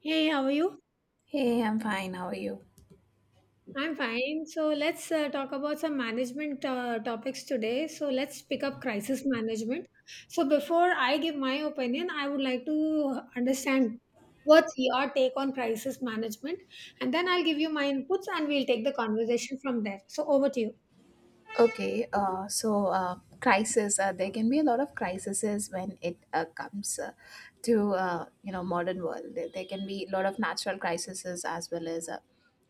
Hey, how are you? Hey, I'm fine. How are you? I'm fine. So let's talk about some management topics today. So let's pick up crisis management. So before I give my opinion, I would like to understand what's your take on crisis management, and then I'll give you my inputs, and we'll take the conversation from there. So over to Crisis. There can be a lot of crises when it comes to modern world. There can be a lot of natural crises as well as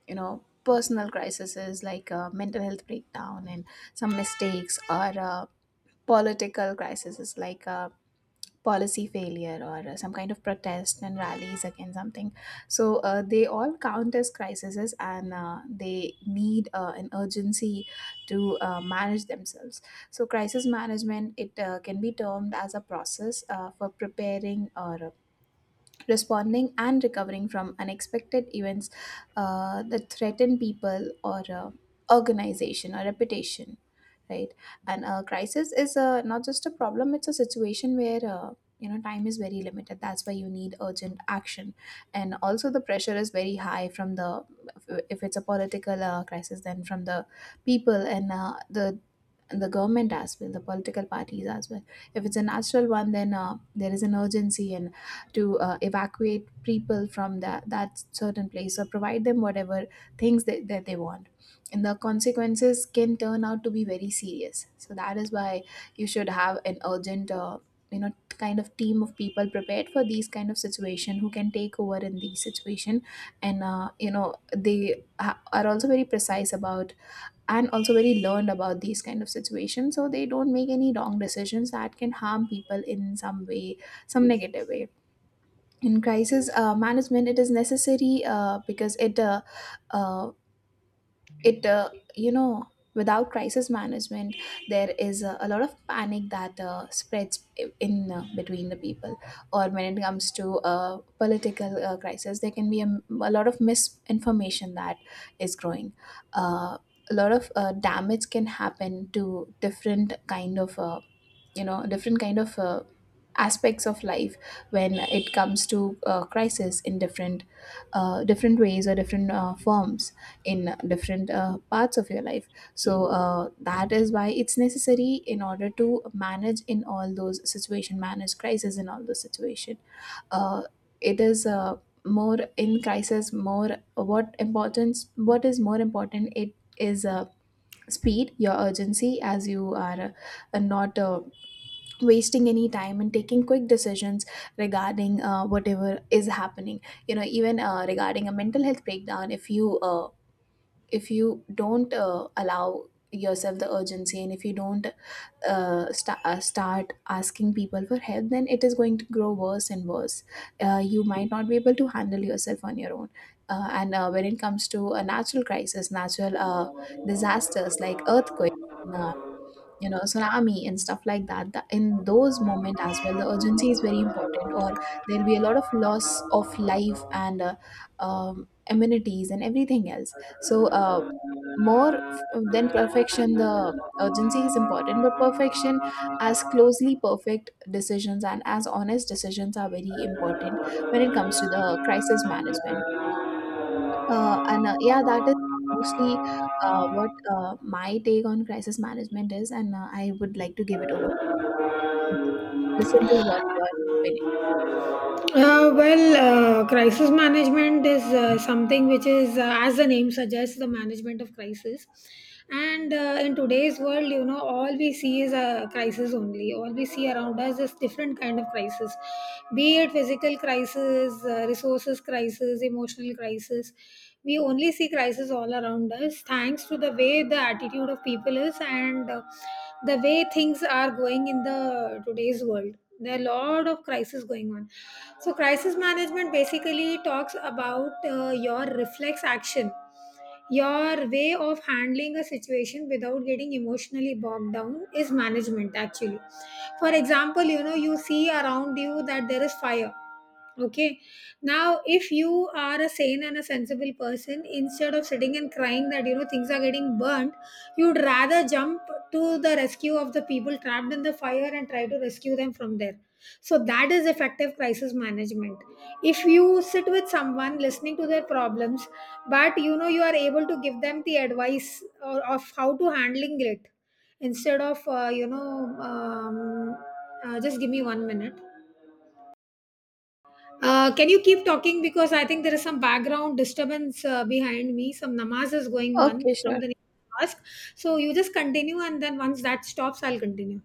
personal crises like mental health breakdown and some mistakes or political crises like policy failure or some kind of protest and rallies against something. So they all count as crises and they need an urgency to manage themselves. So crisis management, it can be termed as a process for preparing or responding and recovering from unexpected events that threaten people or organization or reputation, right. And a crisis is not just a problem, it's a situation where time is very limited, that's why you need urgent action, and also the pressure is very high from the, if it's a political crisis then from the people and the and the government as well, the political parties as well. If it's a natural one, then there is an urgency and to evacuate people from that certain place or provide them whatever things that they want. And the consequences can turn out to be very serious. So that is why you should have an urgent, kind of team of people prepared for these kind of situation who can take over in these situation, and are also very precise about and also very learned about these kind of situations, so they don't make any wrong decisions that can harm people in some way, some negative way. In crisis management it is necessary, because it uh, it without crisis management there is a lot of panic that spreads in between the people, or when it comes to political crisis there can be a lot of misinformation that is growing. uh, a lot of damage can happen to different kind of different kind of aspects of life when it comes to crisis in different ways or different forms in different parts of your life, so that is why it's necessary in order to manage in all those situation, manage crisis in all those situation. Uh, it is More in crisis, more what importance, what is more important, it is speed, your urgency, as you are not wasting any time and taking quick decisions regarding whatever is happening. Even regarding a mental health breakdown, if you don't allow yourself the urgency and if you don't start asking people for help, then it is going to grow worse and worse. You might not be able to handle yourself on your own. And When it comes to a natural crisis, natural disasters like earthquake, uh, tsunami and stuff like that, in those moments as well the urgency is very important, or there'll be a lot of loss of life and amenities and everything else. So you. Than perfection, the urgency is important, but perfection, as closely perfect decisions and as honest decisions are very important when it comes to the crisis management. And Yeah, that is mostly what my take on crisis management is, and I would like to give it over. Listen to what your opinion. Well, crisis management is something which is, as the name suggests, the management of crisis. And in today's world, you know, all we see is a crisis only. All we see around us is different kind of crisis, be it physical crisis, resources crisis, emotional crisis. We only see crisis all around us thanks to the way the attitude of people is, and the way things are going in the today's world, there are a lot of crises going on. So crisis management basically talks about your reflex action, your way of handling a situation without getting emotionally bogged down is management actually. For example, you know, you see around you that there is fire. Okay. Now, if you are a sane and a sensible person, instead of sitting and crying that you know things are getting burnt, you'd rather jump to the rescue of the people trapped in the fire and try to rescue them from there. So, that is effective crisis management. If you sit with someone listening to their problems, but you know you are able to give them the advice or, of how to handling it instead of just give me one minute. Can you keep talking, because I think there is some background disturbance behind me. Some namaz is going on Okay, from sure. the next mosque. So you just continue, and then once that stops, I'll continue.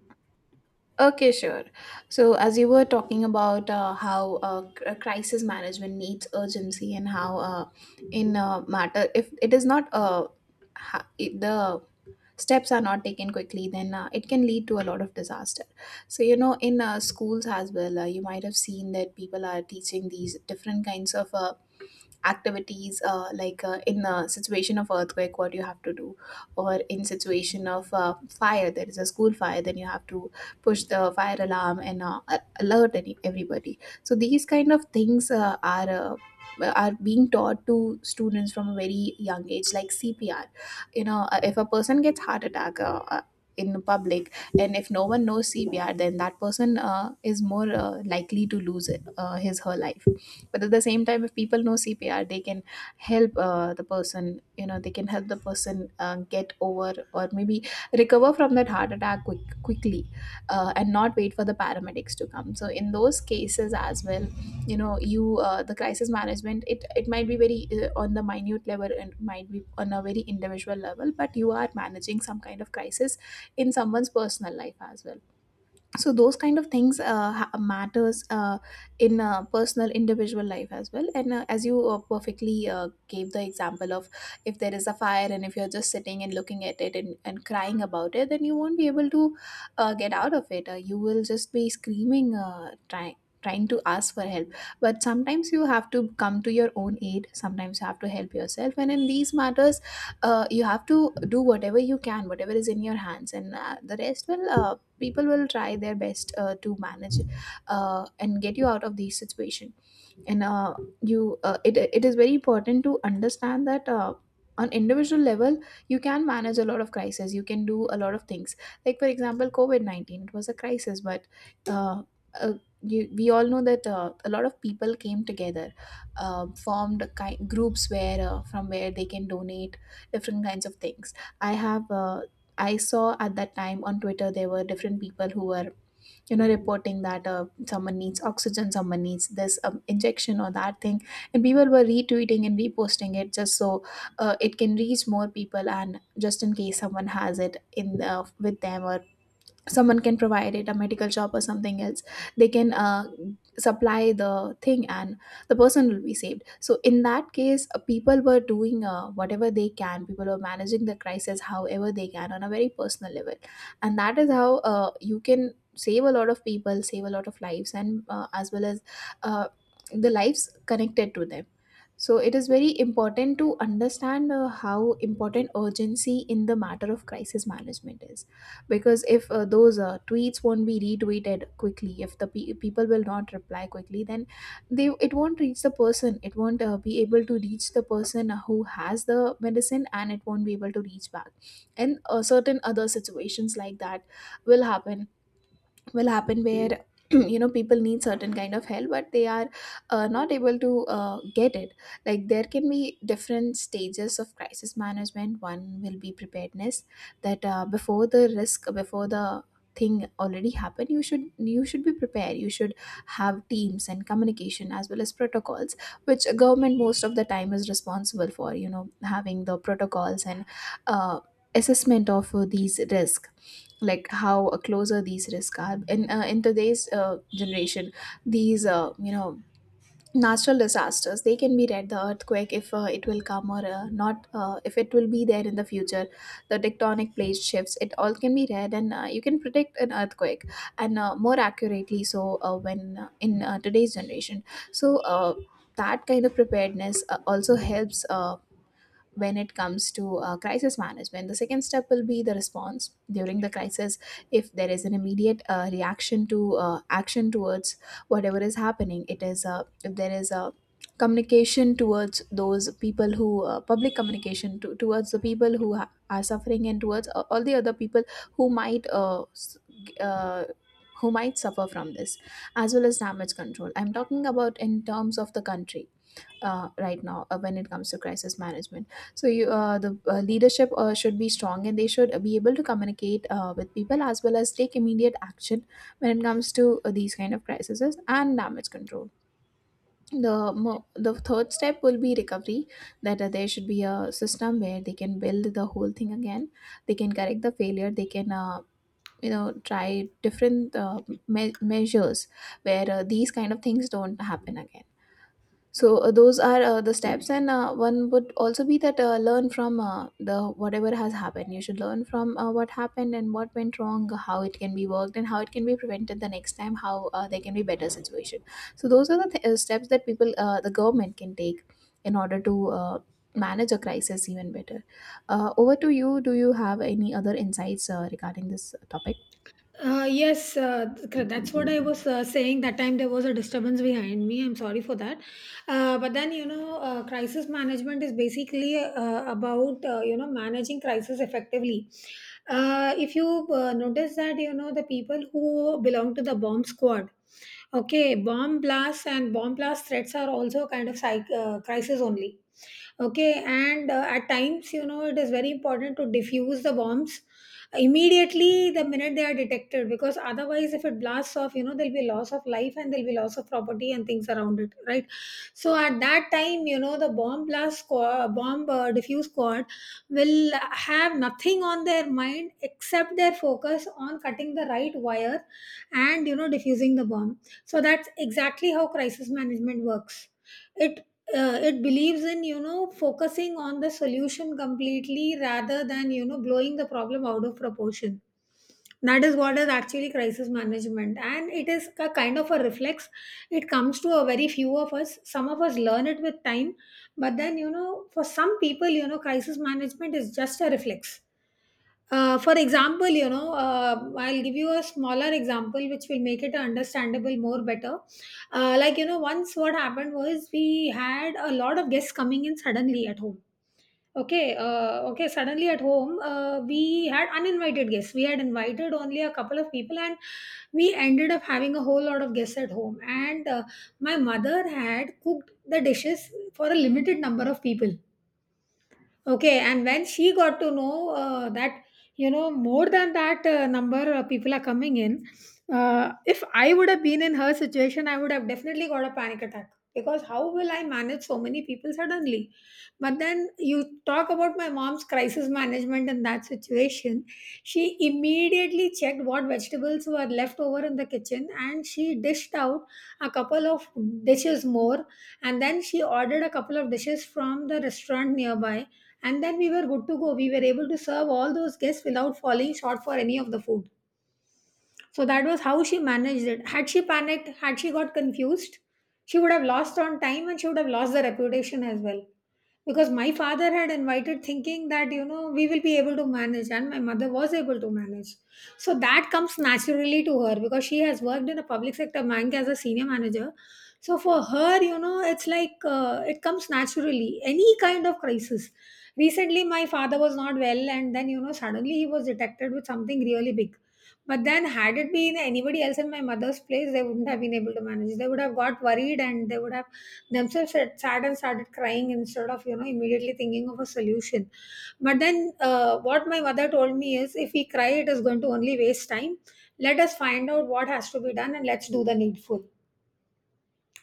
Okay, sure. So, as you were talking about how crisis management needs urgency, and how, in matter, if it is not the steps are not taken quickly, then it can lead to a lot of disaster. So in schools as well you might have seen that people are teaching these different kinds of activities, like in a situation of earthquake what you have to do, or in situation of fire, there is a school fire, then you have to push the fire alarm and alert any, everybody. So these kind of things are being taught to students from a very young age, like CPR. If a person gets heart attack in public, and if no one knows CPR, then that person is more likely to lose it, his her life. But at the same time, if people know CPR, they can help the person. They can help the person get over or maybe recover from that heart attack quickly, and not wait for the paramedics to come. So in those cases as well, you know you the crisis management, it might be very on the minute level and might be on a very individual level, but you are managing some kind of crisis in someone's personal life as well. So those kind of things matters in personal individual life as well. And as you perfectly gave the example of, if there is a fire and if you're just sitting and looking at it and crying about it, then you won't be able to get out of it. You will just be screaming, trying, trying to ask for help. But sometimes you have to come to your own aid, sometimes you have to help yourself, and in these matters you have to do whatever you can, whatever is in your hands, and the rest will, people will try their best to manage and get you out of these situations. And you It is very important to understand that, on individual level, you can manage a lot of crises, you can do a lot of things, like for example covid-19. It was a crisis, but uh, uh, we all know that a lot of people came together, formed groups where from where they can donate different kinds of things. I have I saw at that time on Twitter there were different people who were reporting that someone needs oxygen, someone needs this injection or that thing, and people were retweeting and reposting it just so it can reach more people, and just in case someone has it in the, with them, or someone can provide it, a medical shop or something else, they can supply the thing, and the person will be saved. So in that case, people were doing whatever they can, people were managing the crisis however they can on a very personal level. And that is how you can save a lot of people, save a lot of lives, and as well as uh, the lives connected to them. So it is very important to understand how important urgency in the matter of crisis management is, because if those tweets won't be retweeted quickly, if people will not reply quickly, then they it won't reach the person. It won't be able to reach the person who has the medicine, and it won't be able to reach back. And certain other situations like that will happen will happen where people need certain kind of help, but they are not able to get it. Like there can be different stages of crisis management. One will be preparedness, that before the risk, before the thing already happened, you should be prepared, you should have teams and communication as well as protocols, which government most of the time is responsible for, having the protocols and uh, assessment of these risks, like how closer these risks are in today's generation. These natural disasters, they can be read, the earthquake, if it will come or not, if it will be there in the future, the tectonic plate shifts, it all can be read, and you can predict an earthquake and more accurately. So when in today's generation, so that kind of preparedness also helps when it comes to crisis management. The second step will be the response during the crisis. If there is an immediate reaction to action towards whatever is happening, it is if there is a communication towards those people who public communication towards the people who are suffering and towards all the other people who might g- uh, who might suffer from this, as well as damage control. I'm talking about in terms of the country right now when it comes to crisis management. So the leadership should be strong and they should be able to communicate with people, as well as take immediate action when it comes to these kind of crises and damage control. The the third step will be recovery. That There should be a system where they can build the whole thing again. They can correct the failure. They can try different measures where these kind of things don't happen again. So those are the steps, and one would also be that learn from the whatever has happened. You should learn from what happened and what went wrong, how it can be worked, and how it can be prevented the next time. How there can be better situation. So those are the steps that the government can take in order to manage a crisis even better. Over to you. Do you have any other insights regarding this topic? Yes, that's what I was saying. That time there was a disturbance behind me. I'm sorry for that. But then, you know, crisis management is basically about, you know, managing crisis effectively. If you notice that, you know, the people who belong to the bomb squad, okay, bomb blasts and bomb blast threats are also kind of crisis only. Okay, and at times, you know, it is very important to diffuse the bombs immediately the minute they are detected, because otherwise if it blasts off, you know, there'll be loss of life and there'll be loss of property and things around it, right? So at that time, you know, the bomb blast squad, bomb diffuse squad will have nothing on their mind except their focus on cutting the right wire and you know diffusing the bomb. So that's exactly how crisis management works. it it believes in you know focusing on the solution completely rather than you know blowing the problem out of proportion. That is what is actually crisis management, and it is a kind of a reflex. It comes to a very few of us. Some of us learn it with time, but then you know for some people, you know, crisis management is just a reflex. For example, you know, I'll give you a smaller example which will make it understandable more better. Like, you know, once what happened was we had a lot of guests coming in suddenly at home. Okay, suddenly at home, we had uninvited guests. We had invited only a couple of people, and we ended up having a whole lot of guests at home. And my mother had cooked the dishes for a limited number of people. Okay, and when she got to know that, you know, more than that number of people are coming in, if I would have been in her situation, I would have definitely got a panic attack, because how will I manage so many people suddenly? But then you talk about my mom's crisis management in that situation. She immediately checked what vegetables were left over in the kitchen, and she dished out a couple of dishes more. And then she ordered a couple of dishes from the restaurant nearby, and then we were good to go. We were able to serve all those guests without falling short for any of the food. So that was how she managed it. Had she panicked, had she got confused, she would have lost on time, and she would have lost the reputation as well, because my father had invited thinking that you know we will be able to manage, and my mother was able to manage. So that comes naturally to her, because she has worked in a public sector bank as a senior manager. So for her, you know, it's like it comes naturally, any kind of crisis. Recently my father was not well, and then you know suddenly he was detected with something really big. But then had it been anybody else in my mother's place, they wouldn't have been able to manage. They would have got worried, and they would have themselves had sad and started crying instead of you know immediately thinking of a solution. But then what my mother told me is, if we cry, it is going to only waste time. Let us find out what has to be done, and let's do the needful.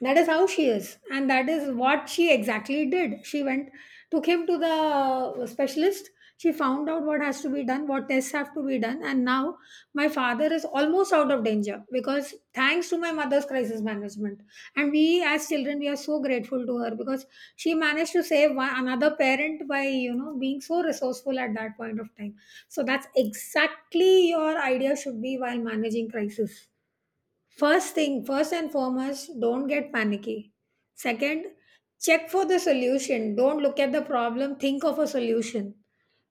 That is how she is, and that is what she exactly did. She went, took him to the specialist. She found out what has to be done, what tests have to be done, and now my father is almost out of danger, because thanks to my mother's crisis management. And we, as children, we are so grateful to her, because she managed to save one, another parent by you know being so resourceful at that point of time. So that's exactly your idea should be while managing crisis. First thing, first and foremost, don't get panicky. Second, check for the solution. Don't look at the problem, think of a solution.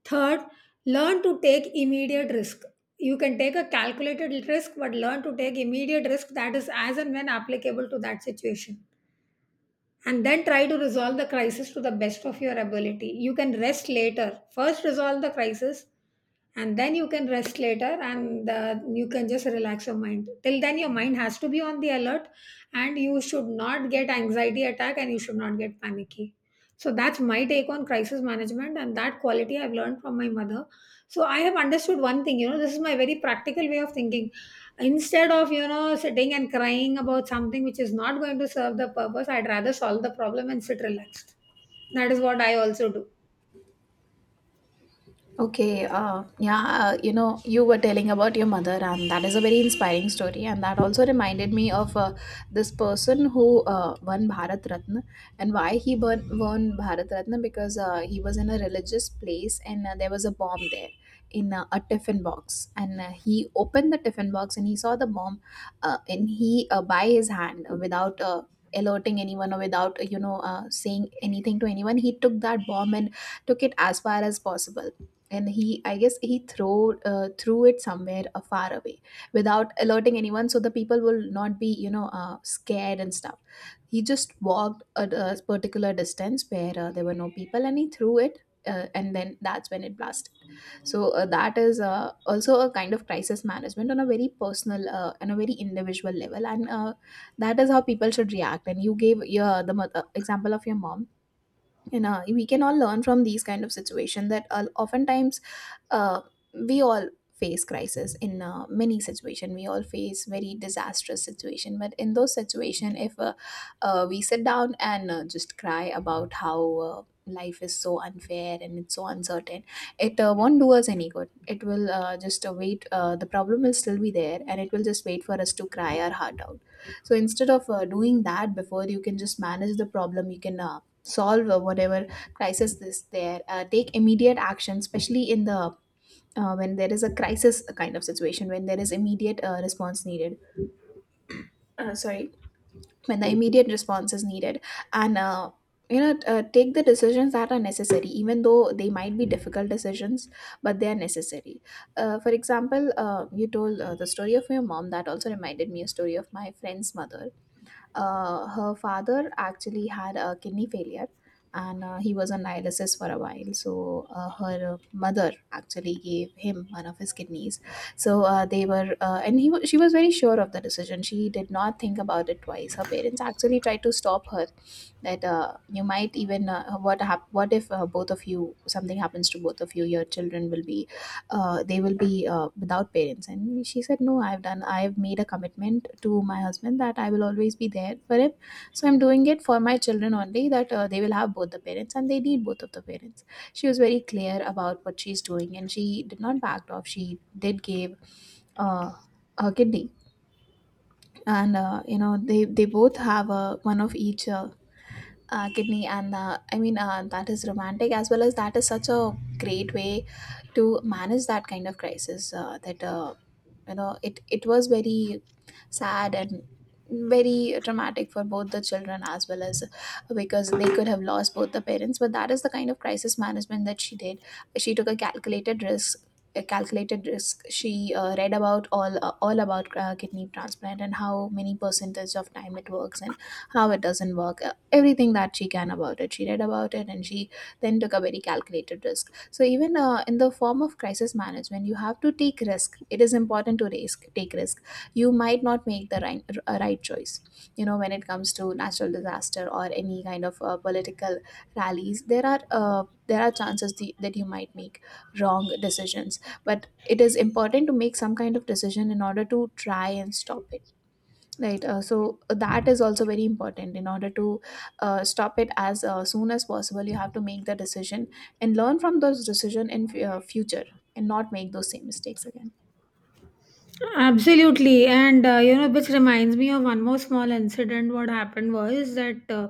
Third, learn to take immediate risk. You can take a calculated risk, but learn to take immediate risk that is as and when applicable to that situation. And then try to resolve the crisis to the best of your ability. You can rest later. First, resolve the crisis, and then you can rest later, and you can just relax your mind. Till then your mind has to be on the alert, and you should not get anxiety attack, and you should not get panicky. So that's my take on crisis management, and that quality I've learned from my mother. So I have understood one thing, you know, this is my very practical way of thinking. Instead of you know sitting and crying about something which is not going to serve the purpose, I'd rather solve the problem and sit relaxed. That is what I also do. Okay, yeah, you know, you were telling about your mother, and that is a very inspiring story. And that also reminded me of this person who won Bharat Ratna. And why he won Bharat Ratna, because he was in a religious place and there was a bomb there in a tiffin box. And he opened the tiffin box and he saw the bomb, and by his hand, without alerting anyone or without saying anything to anyone, he took that bomb and took it as far as possible. And he, I guess he throw threw it somewhere far away without alerting anyone, so the people will not be, you know, scared and stuff. He just walked a particular distance where there were no people, and he threw it. And then that's when it blasted. So that is also a kind of crisis management on a very personal and a very individual level. And that is how people should react. And you gave your example of your mom. You know, we can all learn from these kind of situation, that oftentimes uh, we all face crisis in many situation, we all face very disastrous situation. But in those situation, if we sit down and just cry about how life is so unfair and it's so uncertain, it won't do us any good. It will just wait the problem will still be there, and it will just wait for us to cry our heart out. So instead of doing that, before you can just manage the problem, you can solve whatever crisis is there. Take immediate action, especially in the when there is a crisis kind of situation, when there is immediate response needed. Sorry, when the immediate response is needed. And take the decisions that are necessary, even though they might be difficult decisions, but they are necessary. For example, you told the story of your mom. That also reminded me a story of my friend's mother. Her father actually had a kidney failure, and he was on dialysis for a while. So her mother actually gave him one of his kidneys. So they were, she was very sure of the decision. She did not think about it twice. Her parents actually tried to stop her, that you might even what if both of you, something happens to both of you, your children will be they will be without parents. And she said, no, I've done I've made a commitment to my husband that I will always be there for him. So I'm doing it for my children only, that they will have both the parents, and they need both of the parents. She was very clear about what she's doing, and she did not back off. She did give uh, her kidney. And they both have a one of each kidney. And that is romantic, as well as that is such a great way to manage that kind of crisis, that you know, it was very sad and very traumatic for both the children, as well as because they could have lost both the parents. But that is the kind of crisis management that she did. She took a calculated risk. A calculated risk. She read about all about kidney transplant and how many percentage of time it works and how it doesn't work, everything that she can about it. She read about it, and she then took a very calculated risk. So even in the form of crisis management, you have to take risk. It is important to risk, take risk. You might not make the right choice. You know, when it comes to natural disaster or any kind of political rallies, there are chances that you might make wrong decisions. But it is important to make some kind of decision in order to try and stop it. Right. So that is also very important. In order to stop it as soon as possible, you have to make the decision and learn from those decision in future, and not make those same mistakes again. Absolutely, and you know, which reminds me of one more small incident. What happened was that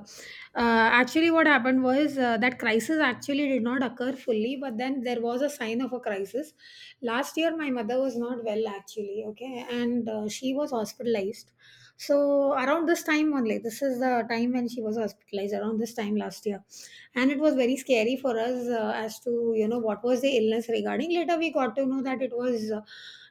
Actually, what happened was that crisis actually did not occur fully, but then there was a sign of a crisis. Last year, my mother was not well actually, okay, and she was hospitalized. So, around this time only, this is the time when she was hospitalized, around this time last year, and it was very scary for us as to you know what was the illness regarding. Later, we got to know that it was.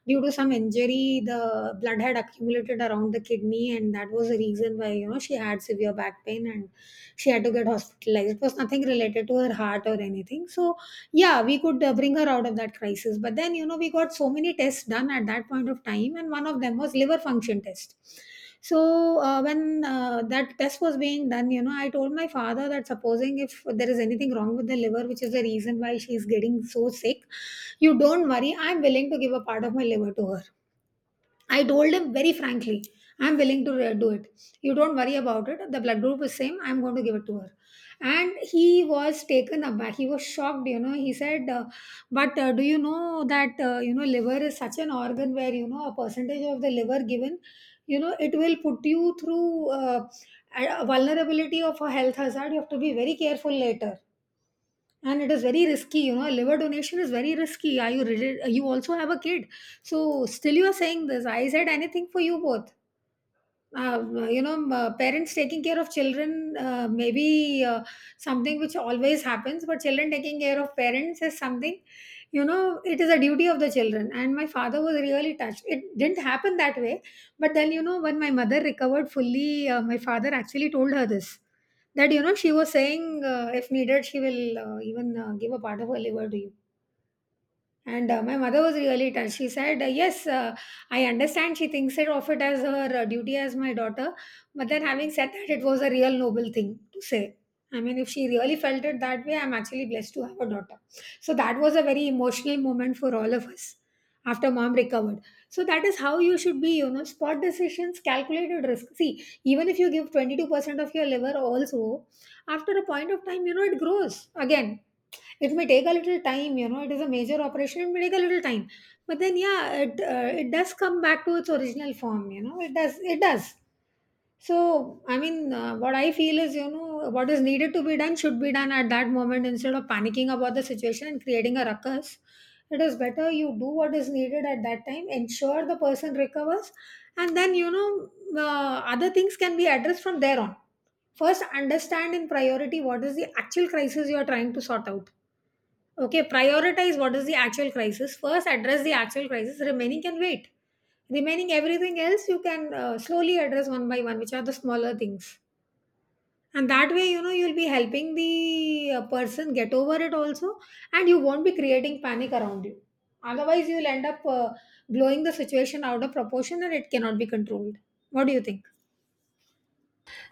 Due to some injury, the blood had accumulated around the kidney, and that was the reason why you know she had severe back pain, and she had to get hospitalized. It was nothing related to her heart or anything. So yeah, we could bring her out of that crisis. But then you know we got so many tests done at that point of time, and one of them was liver function test. So when that test was being done, you know, I told my father that supposing if there is anything wrong with the liver, which is the reason why she is getting so sick, you don't worry, I'm willing to give a part of my liver to her. I told him very frankly, I'm willing to do it. You don't worry about it. The blood group is same. I'm going to give it to her. And he was taken aback. He was shocked, you know. He said, but do you know that, you know, liver is such an organ where, you know, a percentage of the liver given, you know, it will put you through a vulnerability of a health hazard. You have to be very careful later, and it is very risky, you know. Liver donation is very risky. You also have a kid, so still you are saying this? I said, anything for you both. Parents taking care of children, maybe something which always happens, but children taking care of parents is something, you know, it is a duty of the children. And my father was really touched. It didn't happen that way. But then, you know, when my mother recovered fully, my father actually told her this, that, you know, she was saying, if needed, she will even give a part of her liver to you. And my mother was really touched. She said, yes, I understand. She thinks it of it as her duty as my daughter. But then, having said that, it was a real noble thing to say. I mean, if she really felt it that way, I'm actually blessed to have a daughter. So that was a very emotional moment for all of us after mom recovered. So that is how you should be, you know: spot decisions, calculated risk. See, even if you give 22% of your liver, also, after a point of time, you know, it grows again. It may take a little time, you know. It is a major operation, it may take a little time. But then, yeah, it does come back to its original form, you know. It does. So I mean, what I feel is, you know, what is needed to be done should be done at that moment, instead of panicking about the situation and creating a ruckus. It is better you do what is needed at that time, ensure the person recovers, and then, you know, other things can be addressed from there on. First, understand in priority what is the actual crisis you are trying to sort out. Okay, prioritize what is the actual crisis. First, address the actual crisis. Remaining can wait. Remaining everything else, you can slowly address one by one, which are the smaller things. And that way, you know, you'll be helping the person get over it also, and you won't be creating panic around you. Otherwise, you'll end up blowing the situation out of proportion, and it cannot be controlled. What do you think?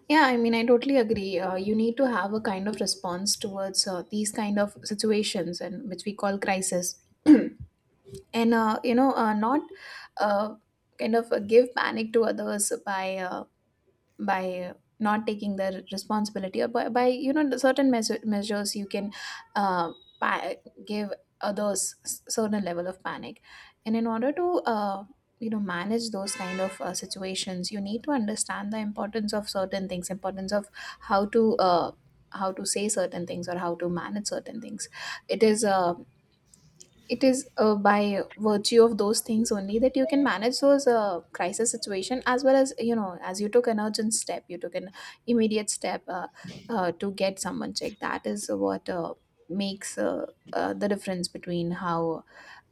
Yeah, I mean, I totally agree. You need to have a kind of response towards these kind of situations, and which we call crisis. And not uh, give panic to others by not taking the responsibility, or by, you know, certain measures you can uh, pa- give others certain level of panic. And in order to you know, manage those kind of situations, you need to understand the importance of certain things, importance of how to uh, how to say certain things, or how to manage certain things. It is uh, it is uh, by virtue of those things only that you can manage those crisis situation. As well as, you know, as you took an urgent step, you took an immediate step to get someone checked, that is what makes the difference between how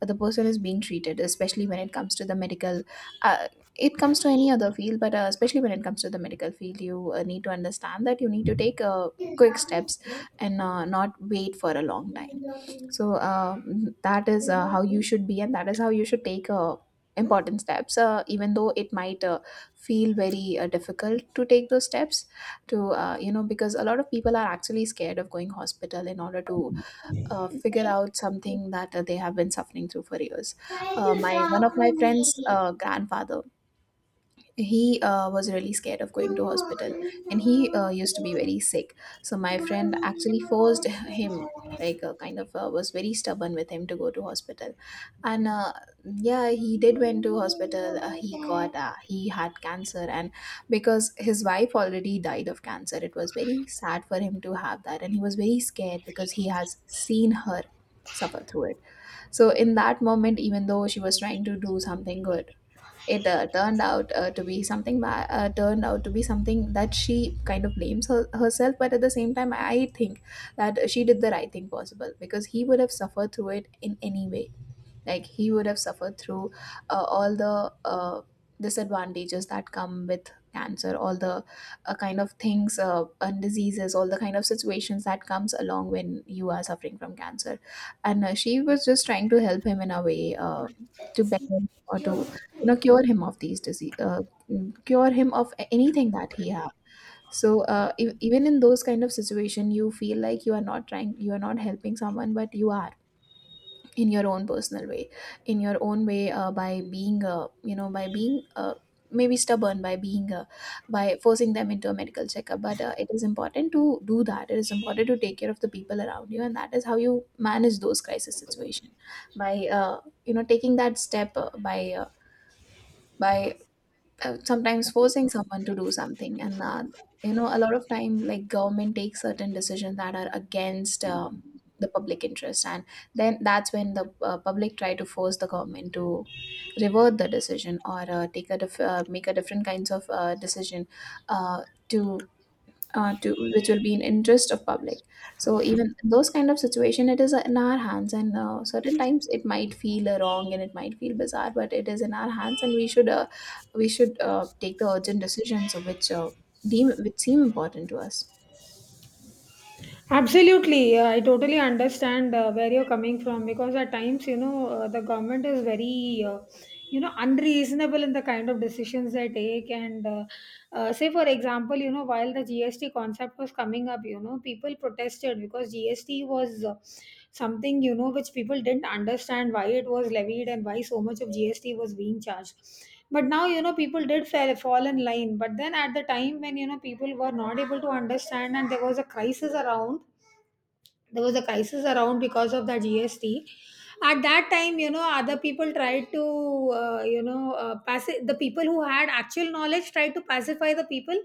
the person is being treated, especially when it comes to the medical uh, it comes to any other field. But especially when it comes to the medical field, you need to understand that you need to take quick steps, and not wait for a long time. So that is how you should be, and that is how you should take important steps, even though it might feel very difficult to take those steps. To you know, because a lot of people are actually scared of going hospital in order to figure out something that they have been suffering through for years. My, one of my friends grandfather, he was really scared of going to hospital, and he used to be very sick. So my friend Mommy. actually forced him, like was very stubborn with him to go to hospital. And yeah, he did went to hospital. He had cancer. And because his wife already died of cancer, it was very sad for him to have that, and he was very scared because he has seen her suffer through it. So in that moment, even though she was trying to do something good, it turned out to be turned out to be something that she kind of blames herself. But at the same time, I think that she did the right thing possible, because he would have suffered through it in any way. Like he would have suffered through all the disadvantages that come with cancer, all the kind of things and diseases, all the kind of situations that comes along when you are suffering from cancer. And she was just trying to help him in a way, to better him, or to, you know, cure him of these disease, cure him of anything that he has. So even in those kind of situation, you feel like you are not trying, you are not helping someone, but you are, in your own personal way, in your own way, by being maybe stubborn, by forcing them into a medical checkup but it is important to do that it is important to take care of the people around you and that is how you manage those crisis situation by you know taking that step by sometimes forcing someone to do something. And a lot of time, like, government takes certain decisions that are against the public interest, and then that's when the public try to force the government to revert the decision, or take a make a different kinds of decision, uh, to to which will be in interest of public. So even those kind of situation, it is in our hands, and certain times it might feel wrong and it might feel bizarre, but it is in our hands and we should take the urgent decisions which deem which seem important to us. Absolutely. I totally understand where you're coming from, because at times, you know, the government is very, you know, unreasonable in the kind of decisions they take. And say, for example, you know, while the GST concept was coming up, you know, people protested because GST was something, you know, which people didn't understand why it was levied and why so much of GST was being charged. But now, you know, people did fall in line. But then at the time when, you know, people were not able to understand and there was a crisis around, there was a crisis around because of the GST. At that time, you know, other people tried to, the people who had actual knowledge tried to pacify the people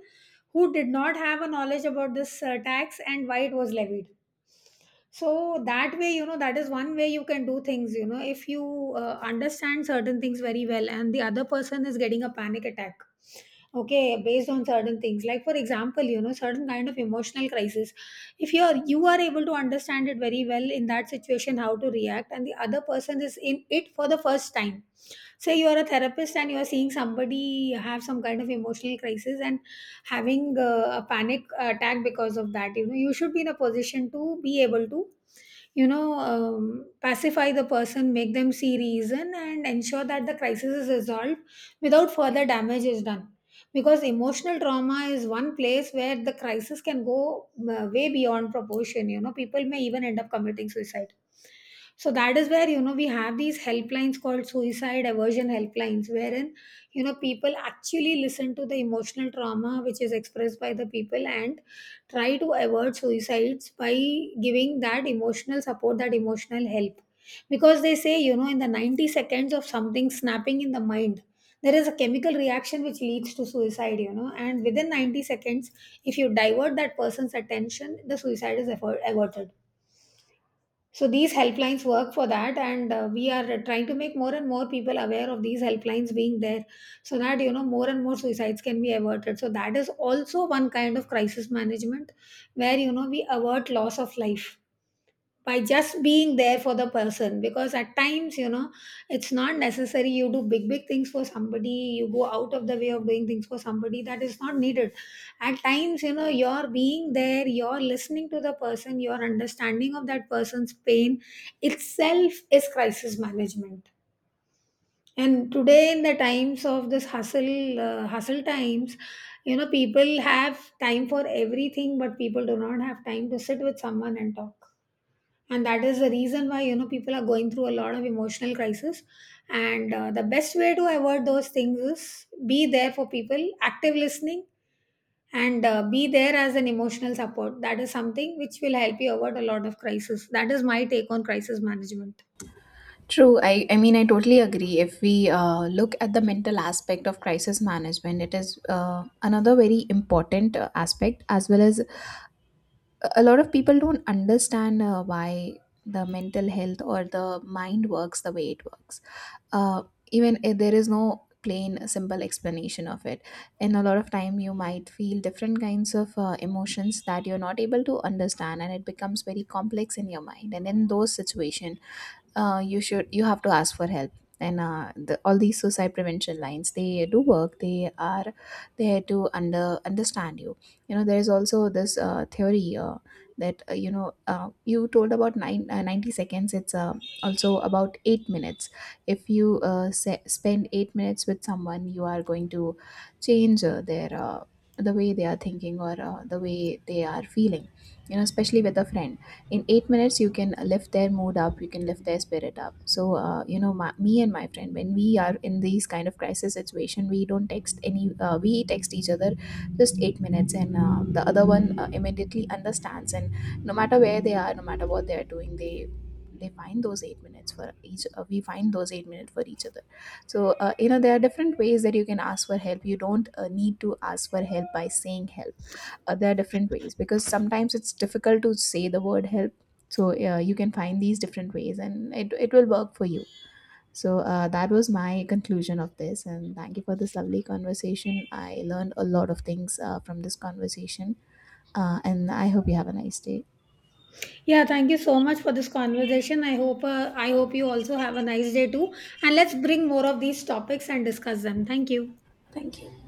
who did not have a knowledge about this tax and why it was levied. So that way, you know, that is one way you can do things, you know, if you understand certain things very well and the other person is getting a panic attack. Okay, based on certain things. Like, for example, you know, certain kind of emotional crisis. If you are able to understand it very well in that situation, how to react, and the other person is in it for the first time. Say you are a therapist and you are seeing somebody have some kind of emotional crisis and having a panic attack because of that. You know, you should be in a position to be able to, you know, pacify the person, make them see reason, and ensure that the crisis is resolved without further damage is done, because emotional trauma is one place where the crisis can go way beyond proportion. You know, people may even end up committing suicide. So that is where, you know, we have these helplines called suicide aversion helplines, wherein, you know, people actually listen to the emotional trauma which is expressed by the people and try to avoid suicides by giving that emotional support, that emotional help. Because they say, you know, in the 90 seconds of something snapping in the mind, there is a chemical reaction which leads to suicide, you know. And within 90 seconds, if you divert that person's attention, the suicide is averted. So these helplines work for that, and we are trying to make more and more people aware of these helplines being there, so that, you know, more and more suicides can be averted. So that is also one kind of crisis management, where, you know, we avert loss of life by just being there for the person, because at times, you know, it's not necessary you do big big things for somebody, you go out of the way of doing things for somebody, that is not needed. At times, you know, you're being there, you're listening to the person, your understanding of that person's pain itself is crisis management. And today, in the times of this hustle times, you know, people have time for everything, but people do not have time to sit with someone and talk. And that is the reason why, you know, people are going through a lot of emotional crisis. And the best way to avoid those things is be there for people, active listening, and be there as an emotional support. That is something which will help you avoid a lot of crisis. That is my take on crisis management. True. I mean, I totally agree. If we look at the mental aspect of crisis management, it is another very important aspect, as well as a lot of people don't understand why the mental health or the mind works the way it works, uh, even if there is no plain simple explanation of it. And a lot of time you might feel different kinds of emotions that you're not able to understand, and it becomes very complex in your mind. And in those situation, you have to ask for help. And all these suicide prevention lines, they do work. They are there to understand you. You know, there is also this theory that you told about 90 seconds. It's also about 8 minutes. If you spend 8 minutes with someone, you are going to change the way they are thinking, or the way they are feeling, you know, especially with a friend. In 8 minutes you can lift their mood up, you can lift their spirit up. So you know, me and my friend, when we are in these kind of crisis situation, we don't text any we text each other just 8 minutes, and the other one immediately understands. And no matter where they are, no matter what they are doing, they find those eight minutes for each we find those 8 minutes for each other. So you know, there are different ways that you can ask for help. You don't need to ask for help by saying help. There are different ways, because sometimes it's difficult to say the word help. So you can find these different ways and it will work for you. So that was my conclusion of this, and thank you for this lovely conversation. I learned a lot of things from this conversation. And I hope you have a nice day. Yeah, thank you so much for this conversation. I hope, I hope you also have a nice day too, and let's bring more of these topics and discuss them. Thank you. Thank you.